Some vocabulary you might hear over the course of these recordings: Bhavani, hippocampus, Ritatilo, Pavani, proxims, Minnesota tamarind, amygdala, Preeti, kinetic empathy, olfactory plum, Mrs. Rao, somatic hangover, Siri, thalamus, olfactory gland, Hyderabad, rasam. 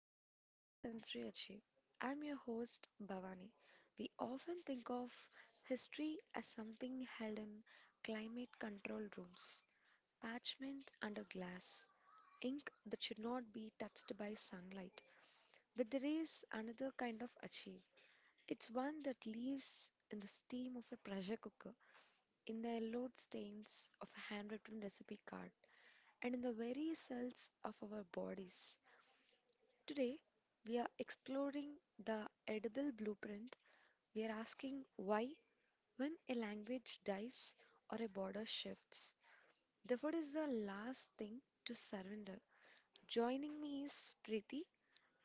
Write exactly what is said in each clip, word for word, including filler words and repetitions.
Welcome to the Sensory Achieve. I'm your host, Bhavani. We often think of history as something held in climate control rooms, parchment under glass, ink that should not be touched by sunlight. But there is another kind of achieve. It's one that lives in the steam of a pressure cooker, in the yellowed stains of a handwritten recipe card, and in the very cells of our bodies. Today, we are exploring the edible blueprint. We are asking why, when a language dies or a border shifts, the food is the last thing to surrender. Joining me is Preeti,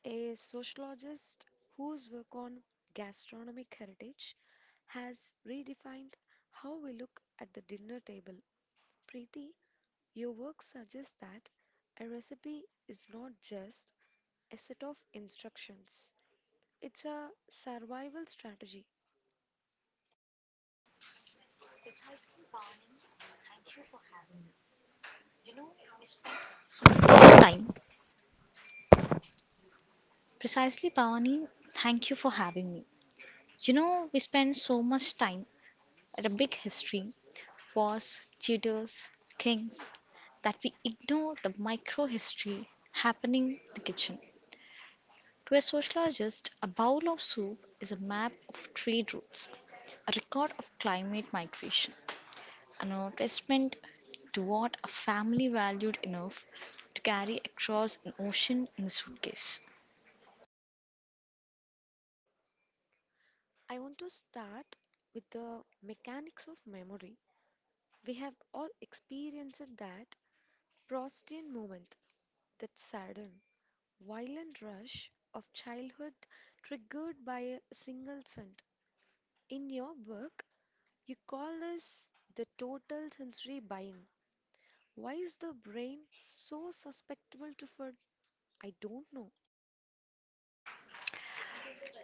a sociologist whose work on gastronomic heritage has redefined how we look at the dinner table. Preeti, your work suggests that a recipe is not just a set of instructions. It's a survival strategy. You know, this time. Precisely, Pavani. Thank you for having me. You know, we spend so much time at a big history, wars, tutors, kings, that we ignore the micro history happening in the kitchen. To a sociologist, a bowl of soup is a map of trade routes, a record of climate migration, an attestment to what a family valued enough to carry across an ocean in a suitcase. I want to start with the mechanics of memory. We have all experienced that prostate moment, that sudden, violent rush of childhood triggered by a single scent. In your book, you call this the total sensory buy-in. Why is the brain so susceptible to food? I don't know.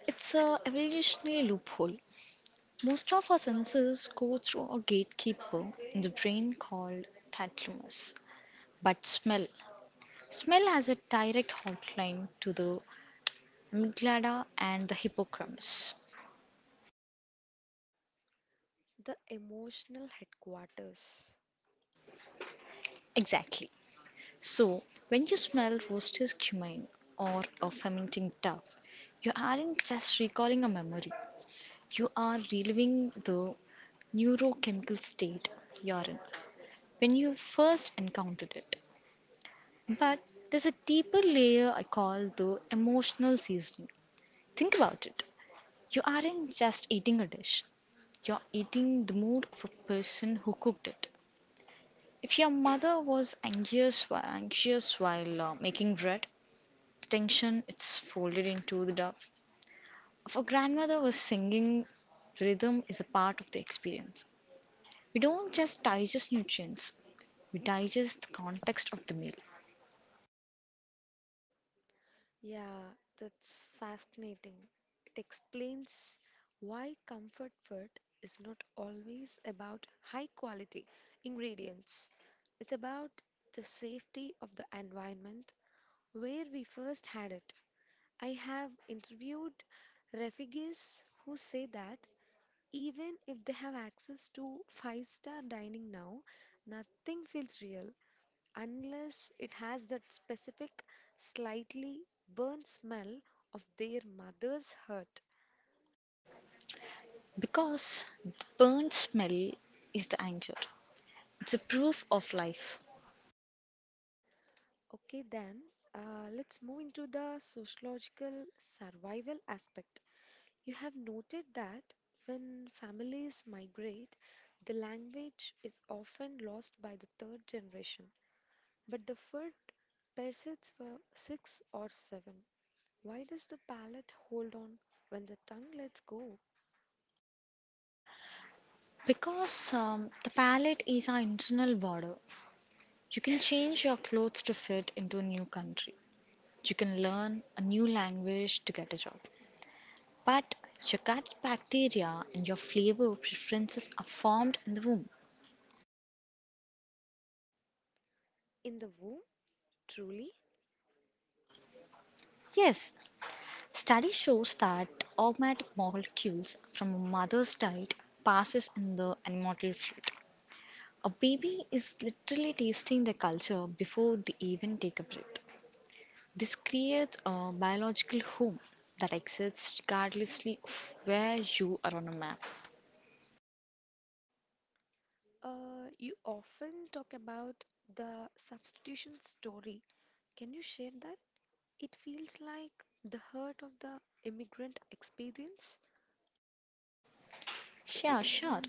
It's a evolutionary loophole. Most of our senses go through a gatekeeper in the brain called thalamus. But smell, smell has a direct hotline to the amygdala and the hippocampus. The emotional headquarters. Exactly. So when you smell roasted cumin or a fermenting duck, you aren't just recalling a memory. You are reliving the neurochemical state you're in when you first encountered it. But there's a deeper layer I call the emotional seasoning. Think about it. You aren't just eating a dish, you're eating the mood of a person who cooked it. If your mother was anxious while, anxious while uh, making bread, the tension it's folded into the dough. If a grandmother was singing, the rhythm is a part of the experience. We don't just digest nutrients, we digest the context of the meal Yeah, that's fascinating. It explains why comfort food is not always about high quality ingredients. It's about the safety of the environment where we first had it. I have interviewed refugees who say that even if they have access to five star dining now, nothing feels real unless it has that specific, slightly burnt smell of their mother's hurt. because the burnt smell is the anger. It's a proof of life. Okay, then uh, let's move into the sociological survival aspect. You have noted that when families migrate, the language is often lost by the third generation, but the food persists for six or seven. Why does the palate hold on when the tongue lets go? Because um, the palette is our internal border. You can change your clothes to fit into a new country. You can learn a new language to get a job. But your gut bacteria and your flavor preferences are formed in the womb. In the womb, truly? Yes, study shows that aromatic molecules from a mother's diet passes in the immortal fruit. A baby is literally tasting the culture before they even take a breath. This creates a biological home that exists regardlessly of where you are on a map. Uh, you often talk about the substitution story. Can you share that? It feels like the heart of the immigrant experience. Yeah, sure.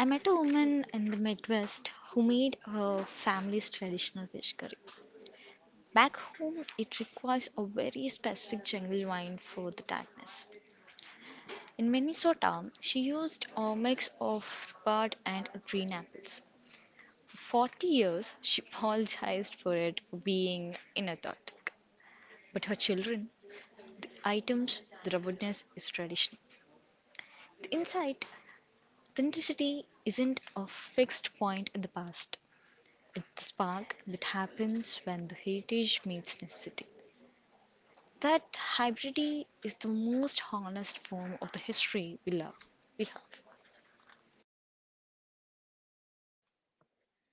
I met a woman in the Midwest who made her family's traditional fish curry. Back home, it requires a very specific jungle wine for the tartness. In Minnesota, she used a mix of rhubarb and green apples. For forty years, she apologized for it for being inauthentic. But her children, items, the robustness is tradition. The insight, authenticity isn't a fixed point in the past. It's the spark that happens when the heritage meets necessity. That hybridity is the most honest form of the history we love. We have.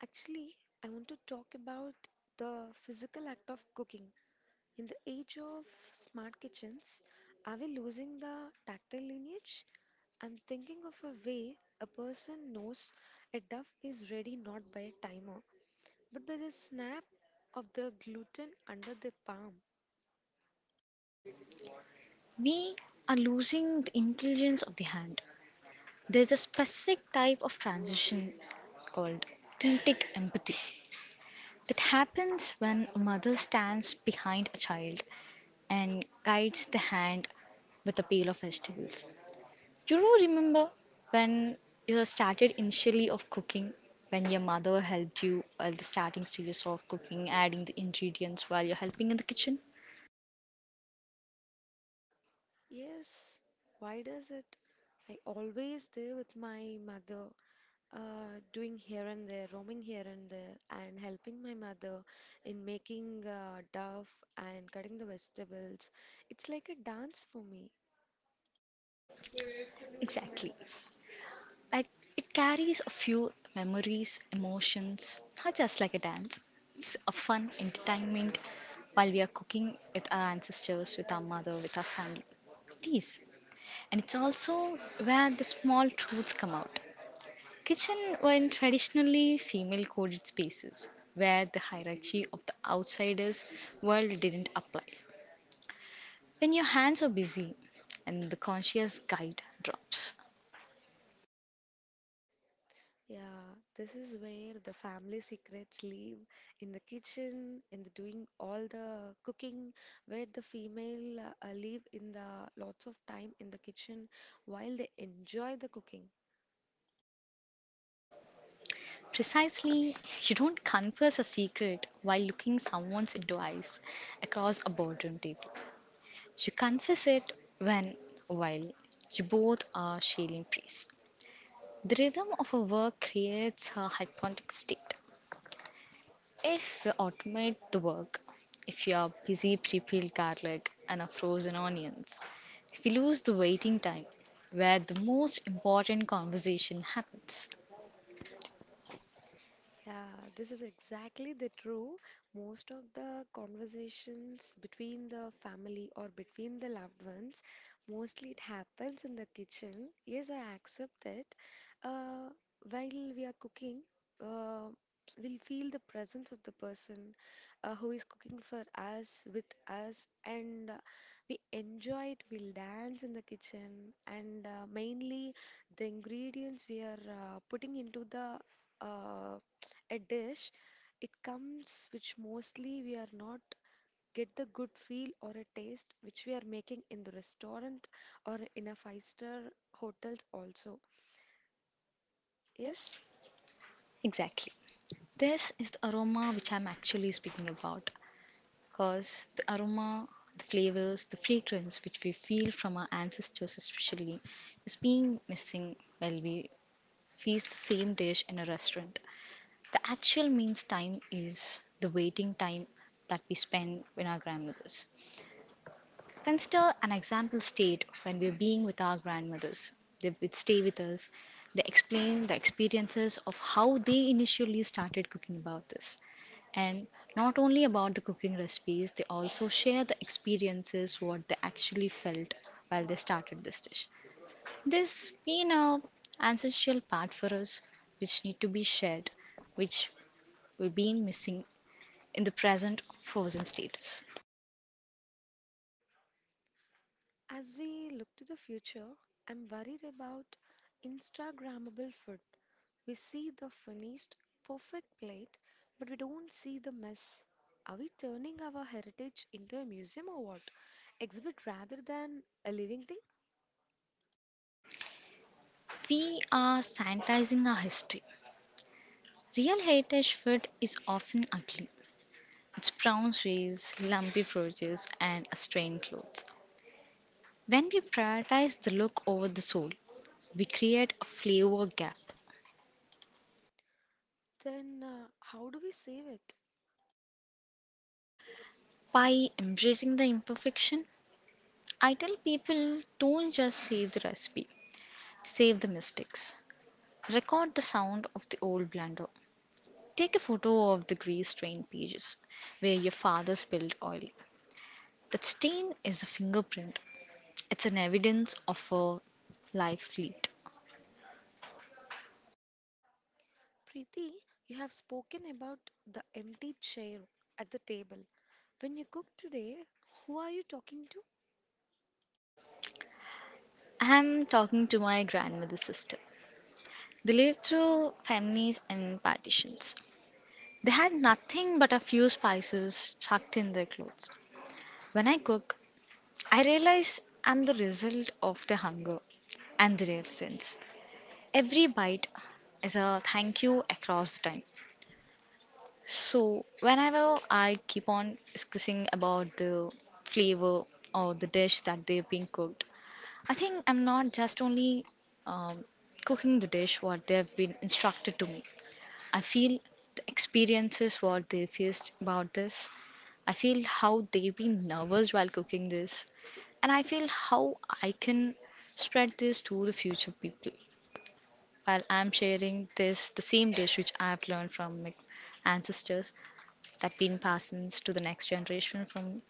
Actually, I want to talk about the physical act of cooking. In the age of smart kitchens, are we losing the tactile lineage? I'm thinking of a way a person knows a duff is ready not by a timer, but by the snap of the gluten under the palm. We are losing the intelligence of the hand. There's a specific type of transition called kinetic empathy that happens when a mother stands behind a child and guides the hand with a pail of vegetables. You do remember when you started initially of cooking, when your mother helped you at the starting stages of cooking, adding the ingredients while you're helping in the kitchen? Yes, why does it? I always there with my mother, uh, doing here and there, roaming here and there, and helping my mother in making uh, duff and cutting the vegetables. It's like a dance for me. Exactly. Like it carries a few memories, emotions, not just like a dance. It's a fun entertainment while we are cooking with our ancestors, with our mother, with our family. It is. And it's also where the small truths come out. Kitchen were traditionally female coded spaces where the hierarchy of the outsider's world didn't apply. When your hands are busy and the conscious guide drops, Yeah, this is where the family secrets live in the kitchen, in the doing all the cooking, where the female uh, live in the lots of time in the kitchen while they enjoy the cooking. precisely, you don't confess a secret while looking someone's into eyes across a boardroom table. You confess it when, while you both are sharing praise. The rhythm of a work creates a hypnotic state. If we automate the work, if you are busy pre peeled garlic and are frozen onions, if we lose the waiting time where the most important conversation happens. Yeah, this is exactly the true. Most of the conversations between the family or between the loved ones, mostly it happens in the kitchen. Yes, I accept it. Uh, while we are cooking, uh, we'll feel the presence of the person uh, who is cooking for us, with us, and uh, we enjoy it. We'll dance in the kitchen, and uh, mainly the ingredients we are uh, putting into the uh, a dish, it comes which mostly we are not get the good feel or a taste which we are making in the restaurant or in a five-star hotels also. Yes. Yes. Exactly. This is the aroma which I'm actually speaking about. Because the aroma, the flavors, the fragrance which we feel from our ancestors, especially, is being missing while we feast the same dish in a restaurant. The actual means time is the waiting time that we spend with our grandmothers. Consider an example state when we're being with our grandmothers. They would stay with us. They explain the experiences of how they initially started cooking about this. And not only about the cooking recipes, they also share the experiences what they actually felt while they started this dish. This being a ancestral part for us which need to be shared, which we've been missing in the present frozen state. As we look to the future, I'm worried about Instagrammable food. We see the finished, perfect plate, but we don't see the mess. Are we turning our heritage into a museum or what? Exhibit rather than a living thing? We are sanitizing our history. Real heritage food is often ugly. It's brown shades, lumpy produce, and stained clothes. When we prioritize the look over the soul, we create a flavor gap. Then uh, how do we save it? By embracing the imperfection, I tell people don't just save the recipe, save the mistakes. Record the sound of the old blender. Take a photo of the grease stained pages where your father spilled oil. That stain is a fingerprint. It's an evidence of a life fleet. Preeti, you have spoken about the empty chair at the table. When you cook today, who are you talking to? I'm talking to my grandmother's sister. They lived through families and partitions. They had nothing but a few spices tucked in their clothes. When I cook, I realize I'm the result of the hunger and their absence. Every bite is a thank you across time. So whenever I keep on discussing about the flavor or the dish that they've been cooked, I think I'm not just only um, cooking the dish what they've been instructed to me. I feel the experiences what they faced about this. I feel how they've been nervous while cooking this, and I feel how I can spread this to the future people while I'm sharing this the same dish which I've learned from my ancestors that been passes to the next generation from.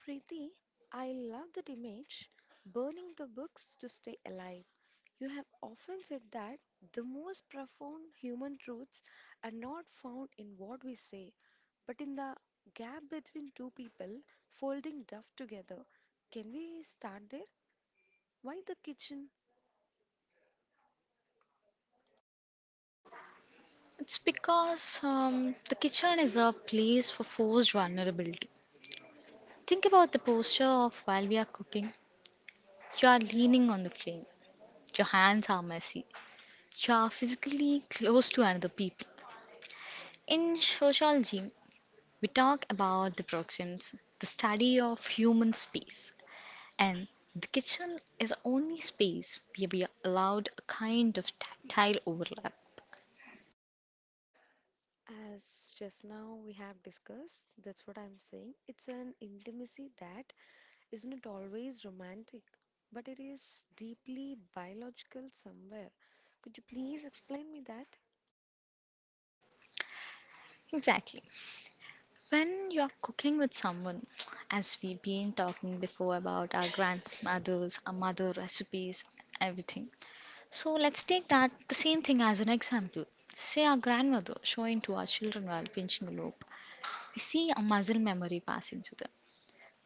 Preeti, I love that image, burning the books to stay alive. You have often said that the most profound human truths are not found in what we say, but in the gap between two people folding duff together. Can we start there? Why the kitchen? It's because um, the kitchen is a place for forced vulnerability. Think about the posture of while we are cooking. You are leaning on the flame. Your hands are messy. You are physically close to another people. In sociology, we talk about the proxims, the study of human space, and the kitchen is the only space where we are allowed a kind of tactile overlap. As just now we have discussed, that's what I'm saying. It's an intimacy that is not always romantic, but it is deeply biological somewhere. Could you please explain me that? Exactly. When you're cooking with someone, as we've been talking before about our grandmothers, our mother recipes, everything. So let's take that the same thing as an example. Say our grandmother showing to our children while pinching a lobe. We see a muscle memory passing to them.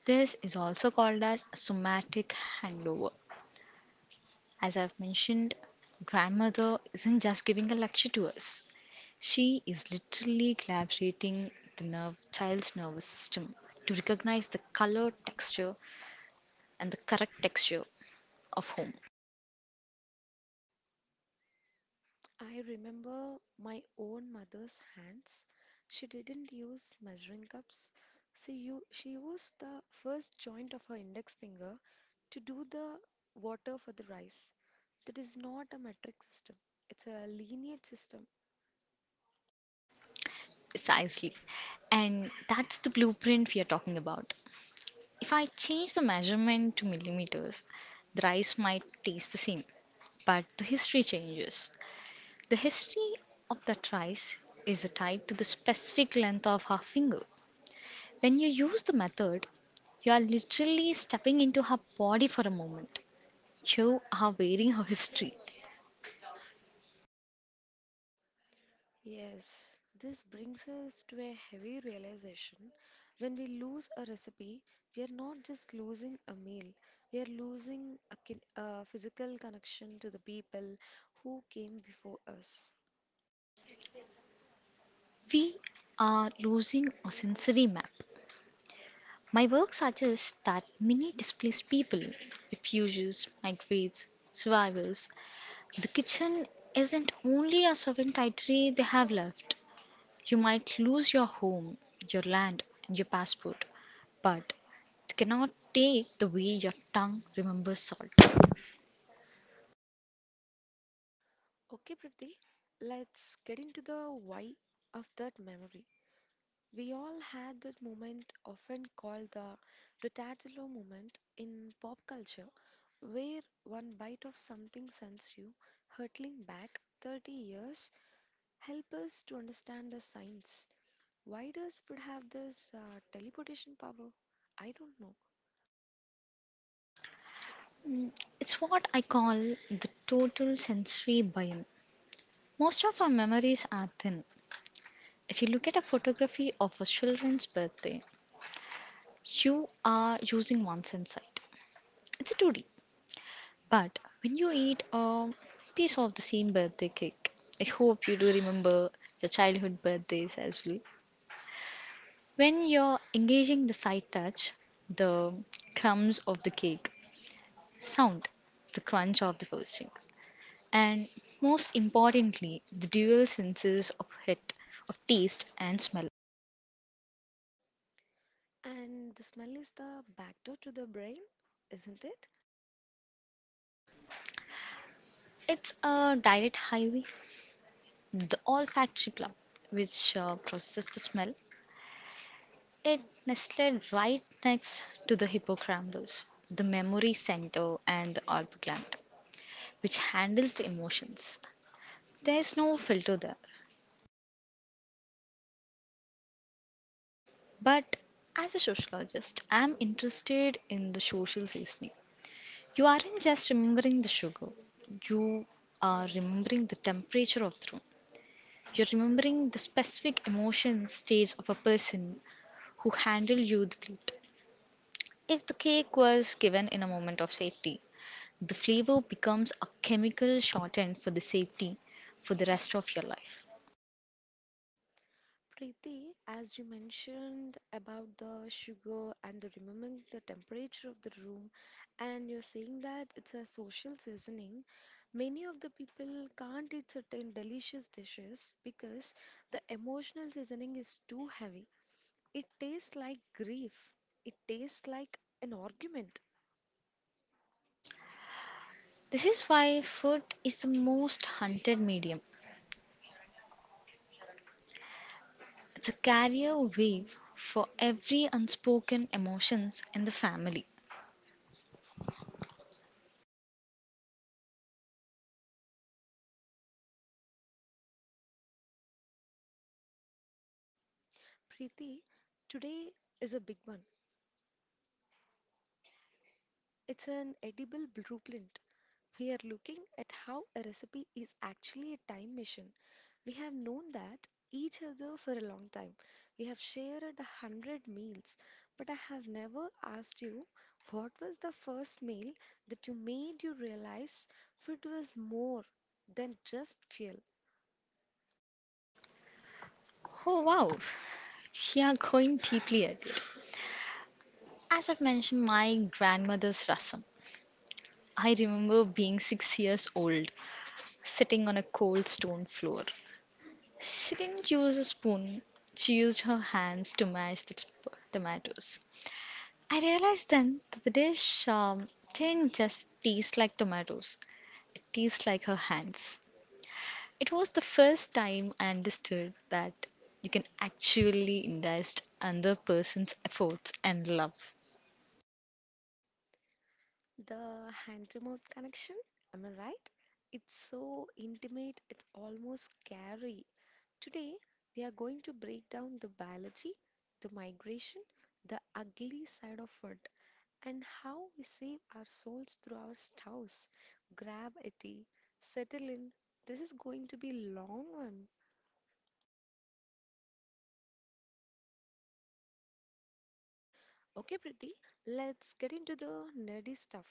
This is also called as somatic hangover. As I've mentioned, grandmother isn't just giving a lecture to us. She is literally collaborating the nerve, child's nervous system to recognize the color, texture, and the correct texture of home. I remember my own mother's hands. She didn't use measuring cups. She, u- she used the first joint of her index finger to do the water for the rice. That is not a metric system, it's a lineage system. Precisely. And that's the blueprint we are talking about. If I change the measurement to millimeters, the rice might taste the same, but the history changes. The history of that rice is tied to the specific length of her finger. When you use the method, you are literally stepping into her body for a moment. Show are wearing our history. Yes, this brings us to a heavy realization. When we lose a recipe, we are not just losing a meal, we are losing a, kin- a physical connection to the people who came before us. We are losing our sensory map. My work suggests that many displaced people, refugees, migrants, survivors, the kitchen isn't only a sovereign territory they have left. You might lose your home, your land, and your passport, but they cannot take the way your tongue remembers salt. Okay, Priti, let's get into the why of that memory. We all had that moment, often called the Ritatilo moment in pop culture, where one bite of something sends you hurtling back thirty years. Help us to understand the science. Why does food have this uh, teleportation power? I don't know. It's what I call the total sensory biome. Most of our memories are thin. If you look at a photography of a children's birthday, you are using one sense sight. It's a two D. But when you eat a piece of the same birthday cake, I hope you do remember your childhood birthdays as well. When you're engaging the sight touch, the crumbs of the cake, sound, the crunch of the frosting, and most importantly, the dual senses of hit, of taste and smell. And the smell is the backdoor to the brain, isn't it? It's a direct highway. The olfactory plum, which uh, processes the smell, it nestled right next to the hippocampus, the memory center, and the olfactory gland, which handles the emotions. There's no filter there. But as a sociologist, I'm interested in the social seasoning. You aren't just remembering the sugar, you are remembering the temperature of the room. You're remembering the specific emotion stage of a person who handled you the plate. If the cake was given in a moment of safety, the flavor becomes a chemical shorthand for the safety for the rest of your life. Preeti, as you mentioned about the sugar and the remembering the temperature of the room, and you're saying that it's a social seasoning, many of the people can't eat certain delicious dishes because the emotional seasoning is too heavy. It tastes like grief. It tastes like an argument. This is why food is the most hunted medium. It's a carrier wave for every unspoken emotions in the family. Preeti, today is a big one. It's an edible blueprint. We are looking at how a recipe is actually a time machine. We have known that each other for a long time. We have shared a hundred meals, but I have never asked you what was the first meal that you made you realize food was more than just fuel. Oh wow, we are going deeply at it. As I've mentioned, my grandmother's rasam. I remember being six years old, sitting on a cold stone floor. She didn't use a spoon. She used her hands to mash the t- tomatoes. I realized then that the dish um, didn't just taste like tomatoes, it tastes like her hands. It was the first time I understood that you can actually ingest another person's efforts and love. The hand to mouth connection, am I right? It's so intimate, it's almost scary. Today, we are going to break down the biology, the migration, the ugly side of it, and how we save our souls through our spouse. Grab a tea, settle in. This is going to be long one. Okay, Priti, let's get into the nerdy stuff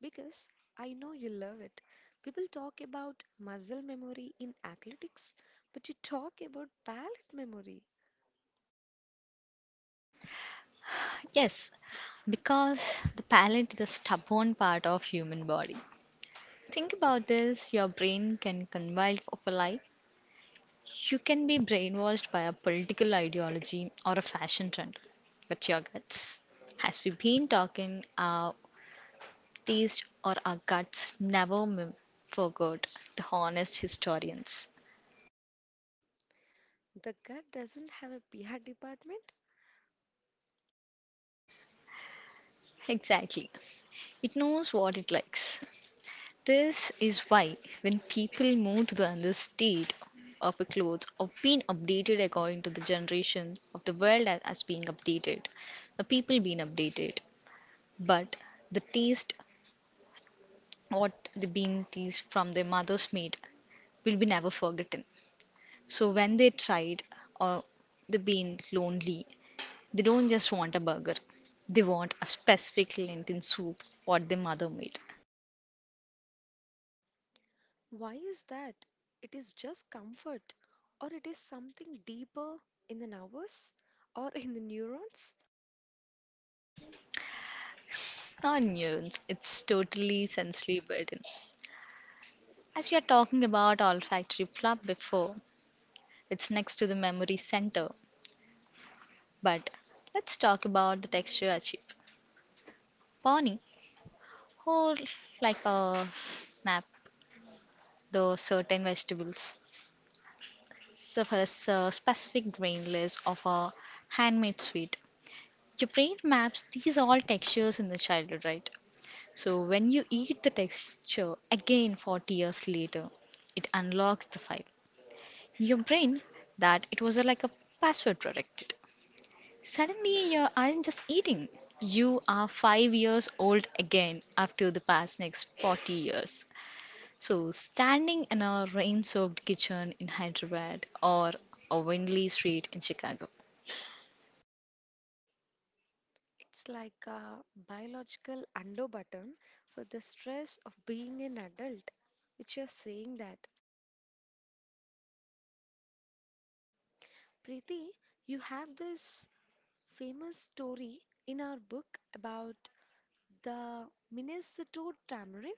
because I know you love it. People talk about muscle memory in athletics, but you talk about palate memory. Yes, because the palate is the stubborn part of human body. Think about this, your brain can convive of a lie. You can be brainwashed by a political ideology or a fashion trend, but your guts, as we've been talking, our taste or our guts never m- forgot the honest historians. The gut doesn't have a P R department. Exactly. It knows what it likes. This is why when people move to the other state of a clothes or being updated according to the generation of the world as as being updated, the people being updated, but the taste what the bean teased from their mother's made will be never forgotten. So when they tried or they been lonely, they don't just want a burger. They want a specific lentil soup what their mother made. Why is that? It is just comfort, or it is something deeper in the nervous or in the neurons. Not nuance, it's totally sensory burden. As we are talking about olfactory flap before, it's next to the memory center. But let's talk about the texture achieved. Pony, whole like a snap, though certain vegetables. So for a s- uh, specific grain list of a handmade sweet. Your brain maps these all textures in the childhood, right? So when you eat the texture again forty years later, it unlocks the file. In Your brain that it was a, like a password protected. Suddenly you aren't just eating. You are five years old again after the past next forty years. So standing in a rain-soaked kitchen in Hyderabad or a windy street in Chicago. It's like a biological undo button for the stress of being an adult, which you're saying that. Preeti, you have this famous story in our book about the Minnesota tamarind.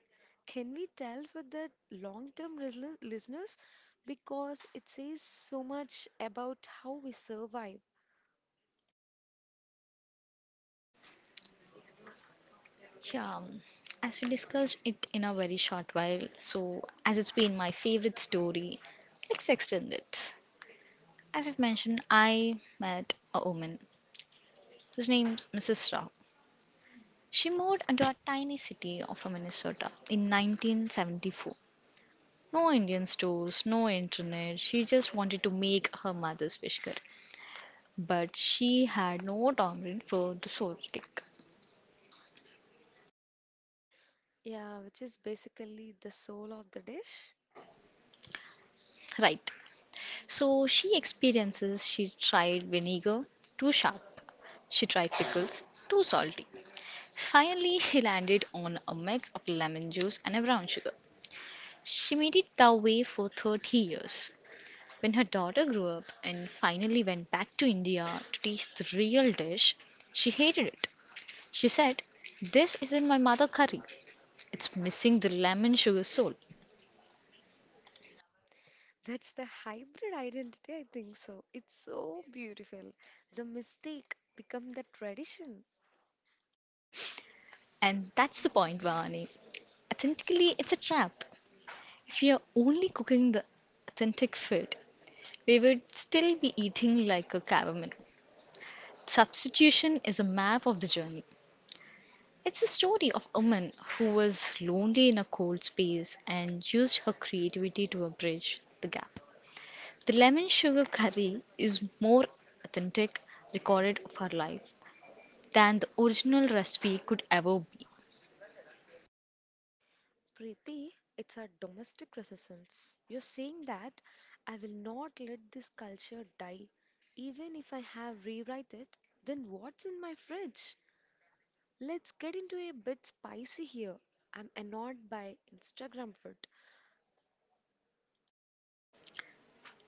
Can we tell for the long-term lis- listeners? Because it says so much about how we survive. Yeah, um, as we discussed it in a very short while, so as it's been my favorite story, let's extend it. As I've mentioned, I met a woman whose name's missus Rao. She moved into a tiny city of Minnesota in nineteen seventy-four. No Indian stores, no internet. She just wanted to make her mother's wish girl. But she had no tolerance for the salt kick. Yeah, which is basically the soul of the dish. Right. So she experiences she tried vinegar, too sharp. She tried pickles, too salty. Finally, she landed on a mix of lemon juice and a brown sugar. She made it that way for thirty years. When her daughter grew up and finally went back to India to taste the real dish, she hated it. She said, "This isn't my mother curry. It's missing the lemon sugar soul." That's the hybrid identity, I think so. It's so beautiful. The mistake become the tradition. And that's the point, Vani. Authentically, it's a trap. If you're only cooking the authentic food, we would still be eating like a caveman. Substitution is a map of the journey. It's a story of a woman who was lonely in a cold space and used her creativity to abridge the gap. The lemon sugar curry is more authentic recorded of her life than the original recipe could ever be. Preeti, it's our domestic resistance. You're saying that I will not let this culture die, even if I have rewrite it. Then what's in my fridge? Let's get into a bit spicy here. I'm annoyed by Instagram food.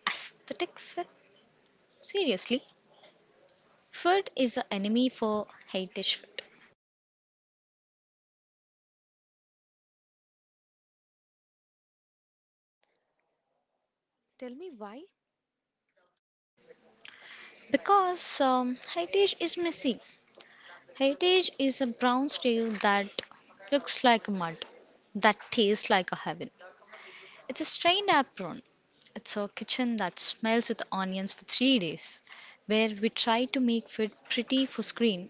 Aesthetic fit? Seriously? Food is the enemy for high dish food. Tell me why? Because um, high dish is messy. Heritage is a brown steel that looks like mud, that tastes like a heaven. It's a stained apron. It's a kitchen that smells with onions for three days, where we try to make food pretty for screen.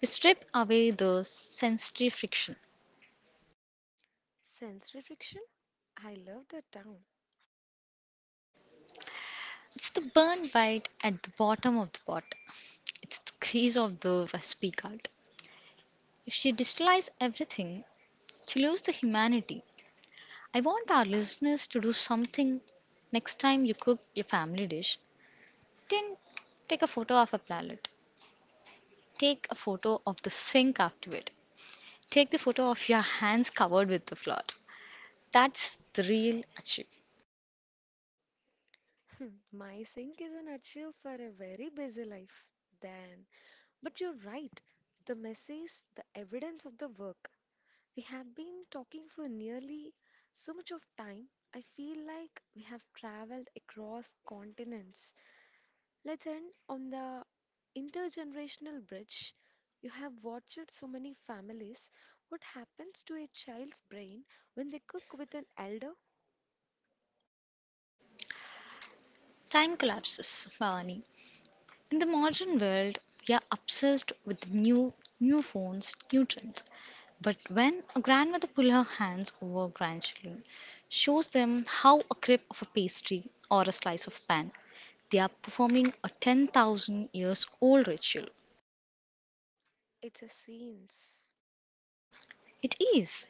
We strip away the sensory friction. Sensory friction? I love that town. It's the burnt bite at the bottom of the pot. It's the crease of the recipe card. If you digitalize everything, you lose the humanity. I want our listeners to do something next time you cook your family dish. Didn't take a photo of a planet. Take a photo of the sink after it. Take the photo of your hands covered with the flour. That's the real achieve. My sink is an achieve for a very busy life. Then, but you're right. The mess is the evidence of the work. We have been talking for nearly so much of time. I feel like we have traveled across continents. Let's end on the intergenerational bridge. You have watched so many families. What happens to a child's brain when they cook with an elder? Time collapses, Bhavani. In the modern world, we are obsessed with new, new phones, new trends. But when a grandmother pulls her hands over grandchildren, shows them how a crib of a pastry or a slice of pan, they are performing a ten thousand years old ritual. It's a scenes. It is.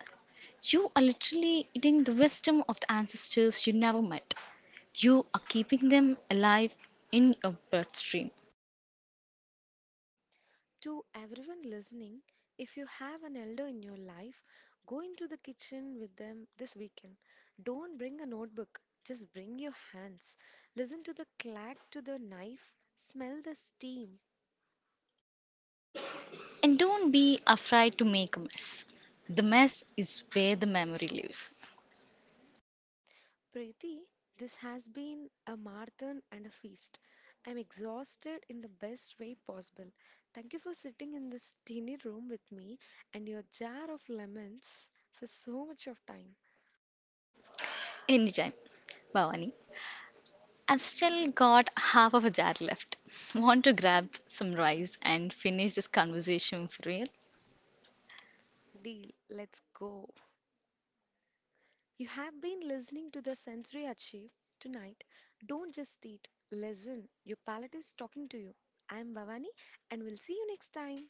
You are literally eating the wisdom of the ancestors you never met. You are keeping them alive in your bloodstream. To everyone listening, if you have an elder in your life, go into the kitchen with them this weekend. Don't bring a notebook, just bring your hands. Listen to the clack to the knife, smell the steam. And don't be afraid to make a mess. The mess is where the memory lives. Preeti, this has been a marathon and a feast. I'm exhausted in the best way possible. Thank you for sitting in this teeny room with me and your jar of lemons for so much of time. Anytime. Bhavani, I've still got half of a jar left. Want to grab some rice and finish this conversation for real? Deal, let's go. You have been listening to the sensory achieve tonight. Don't just eat, listen. Your palate is talking to you. I am Bhavani and we'll see you next time.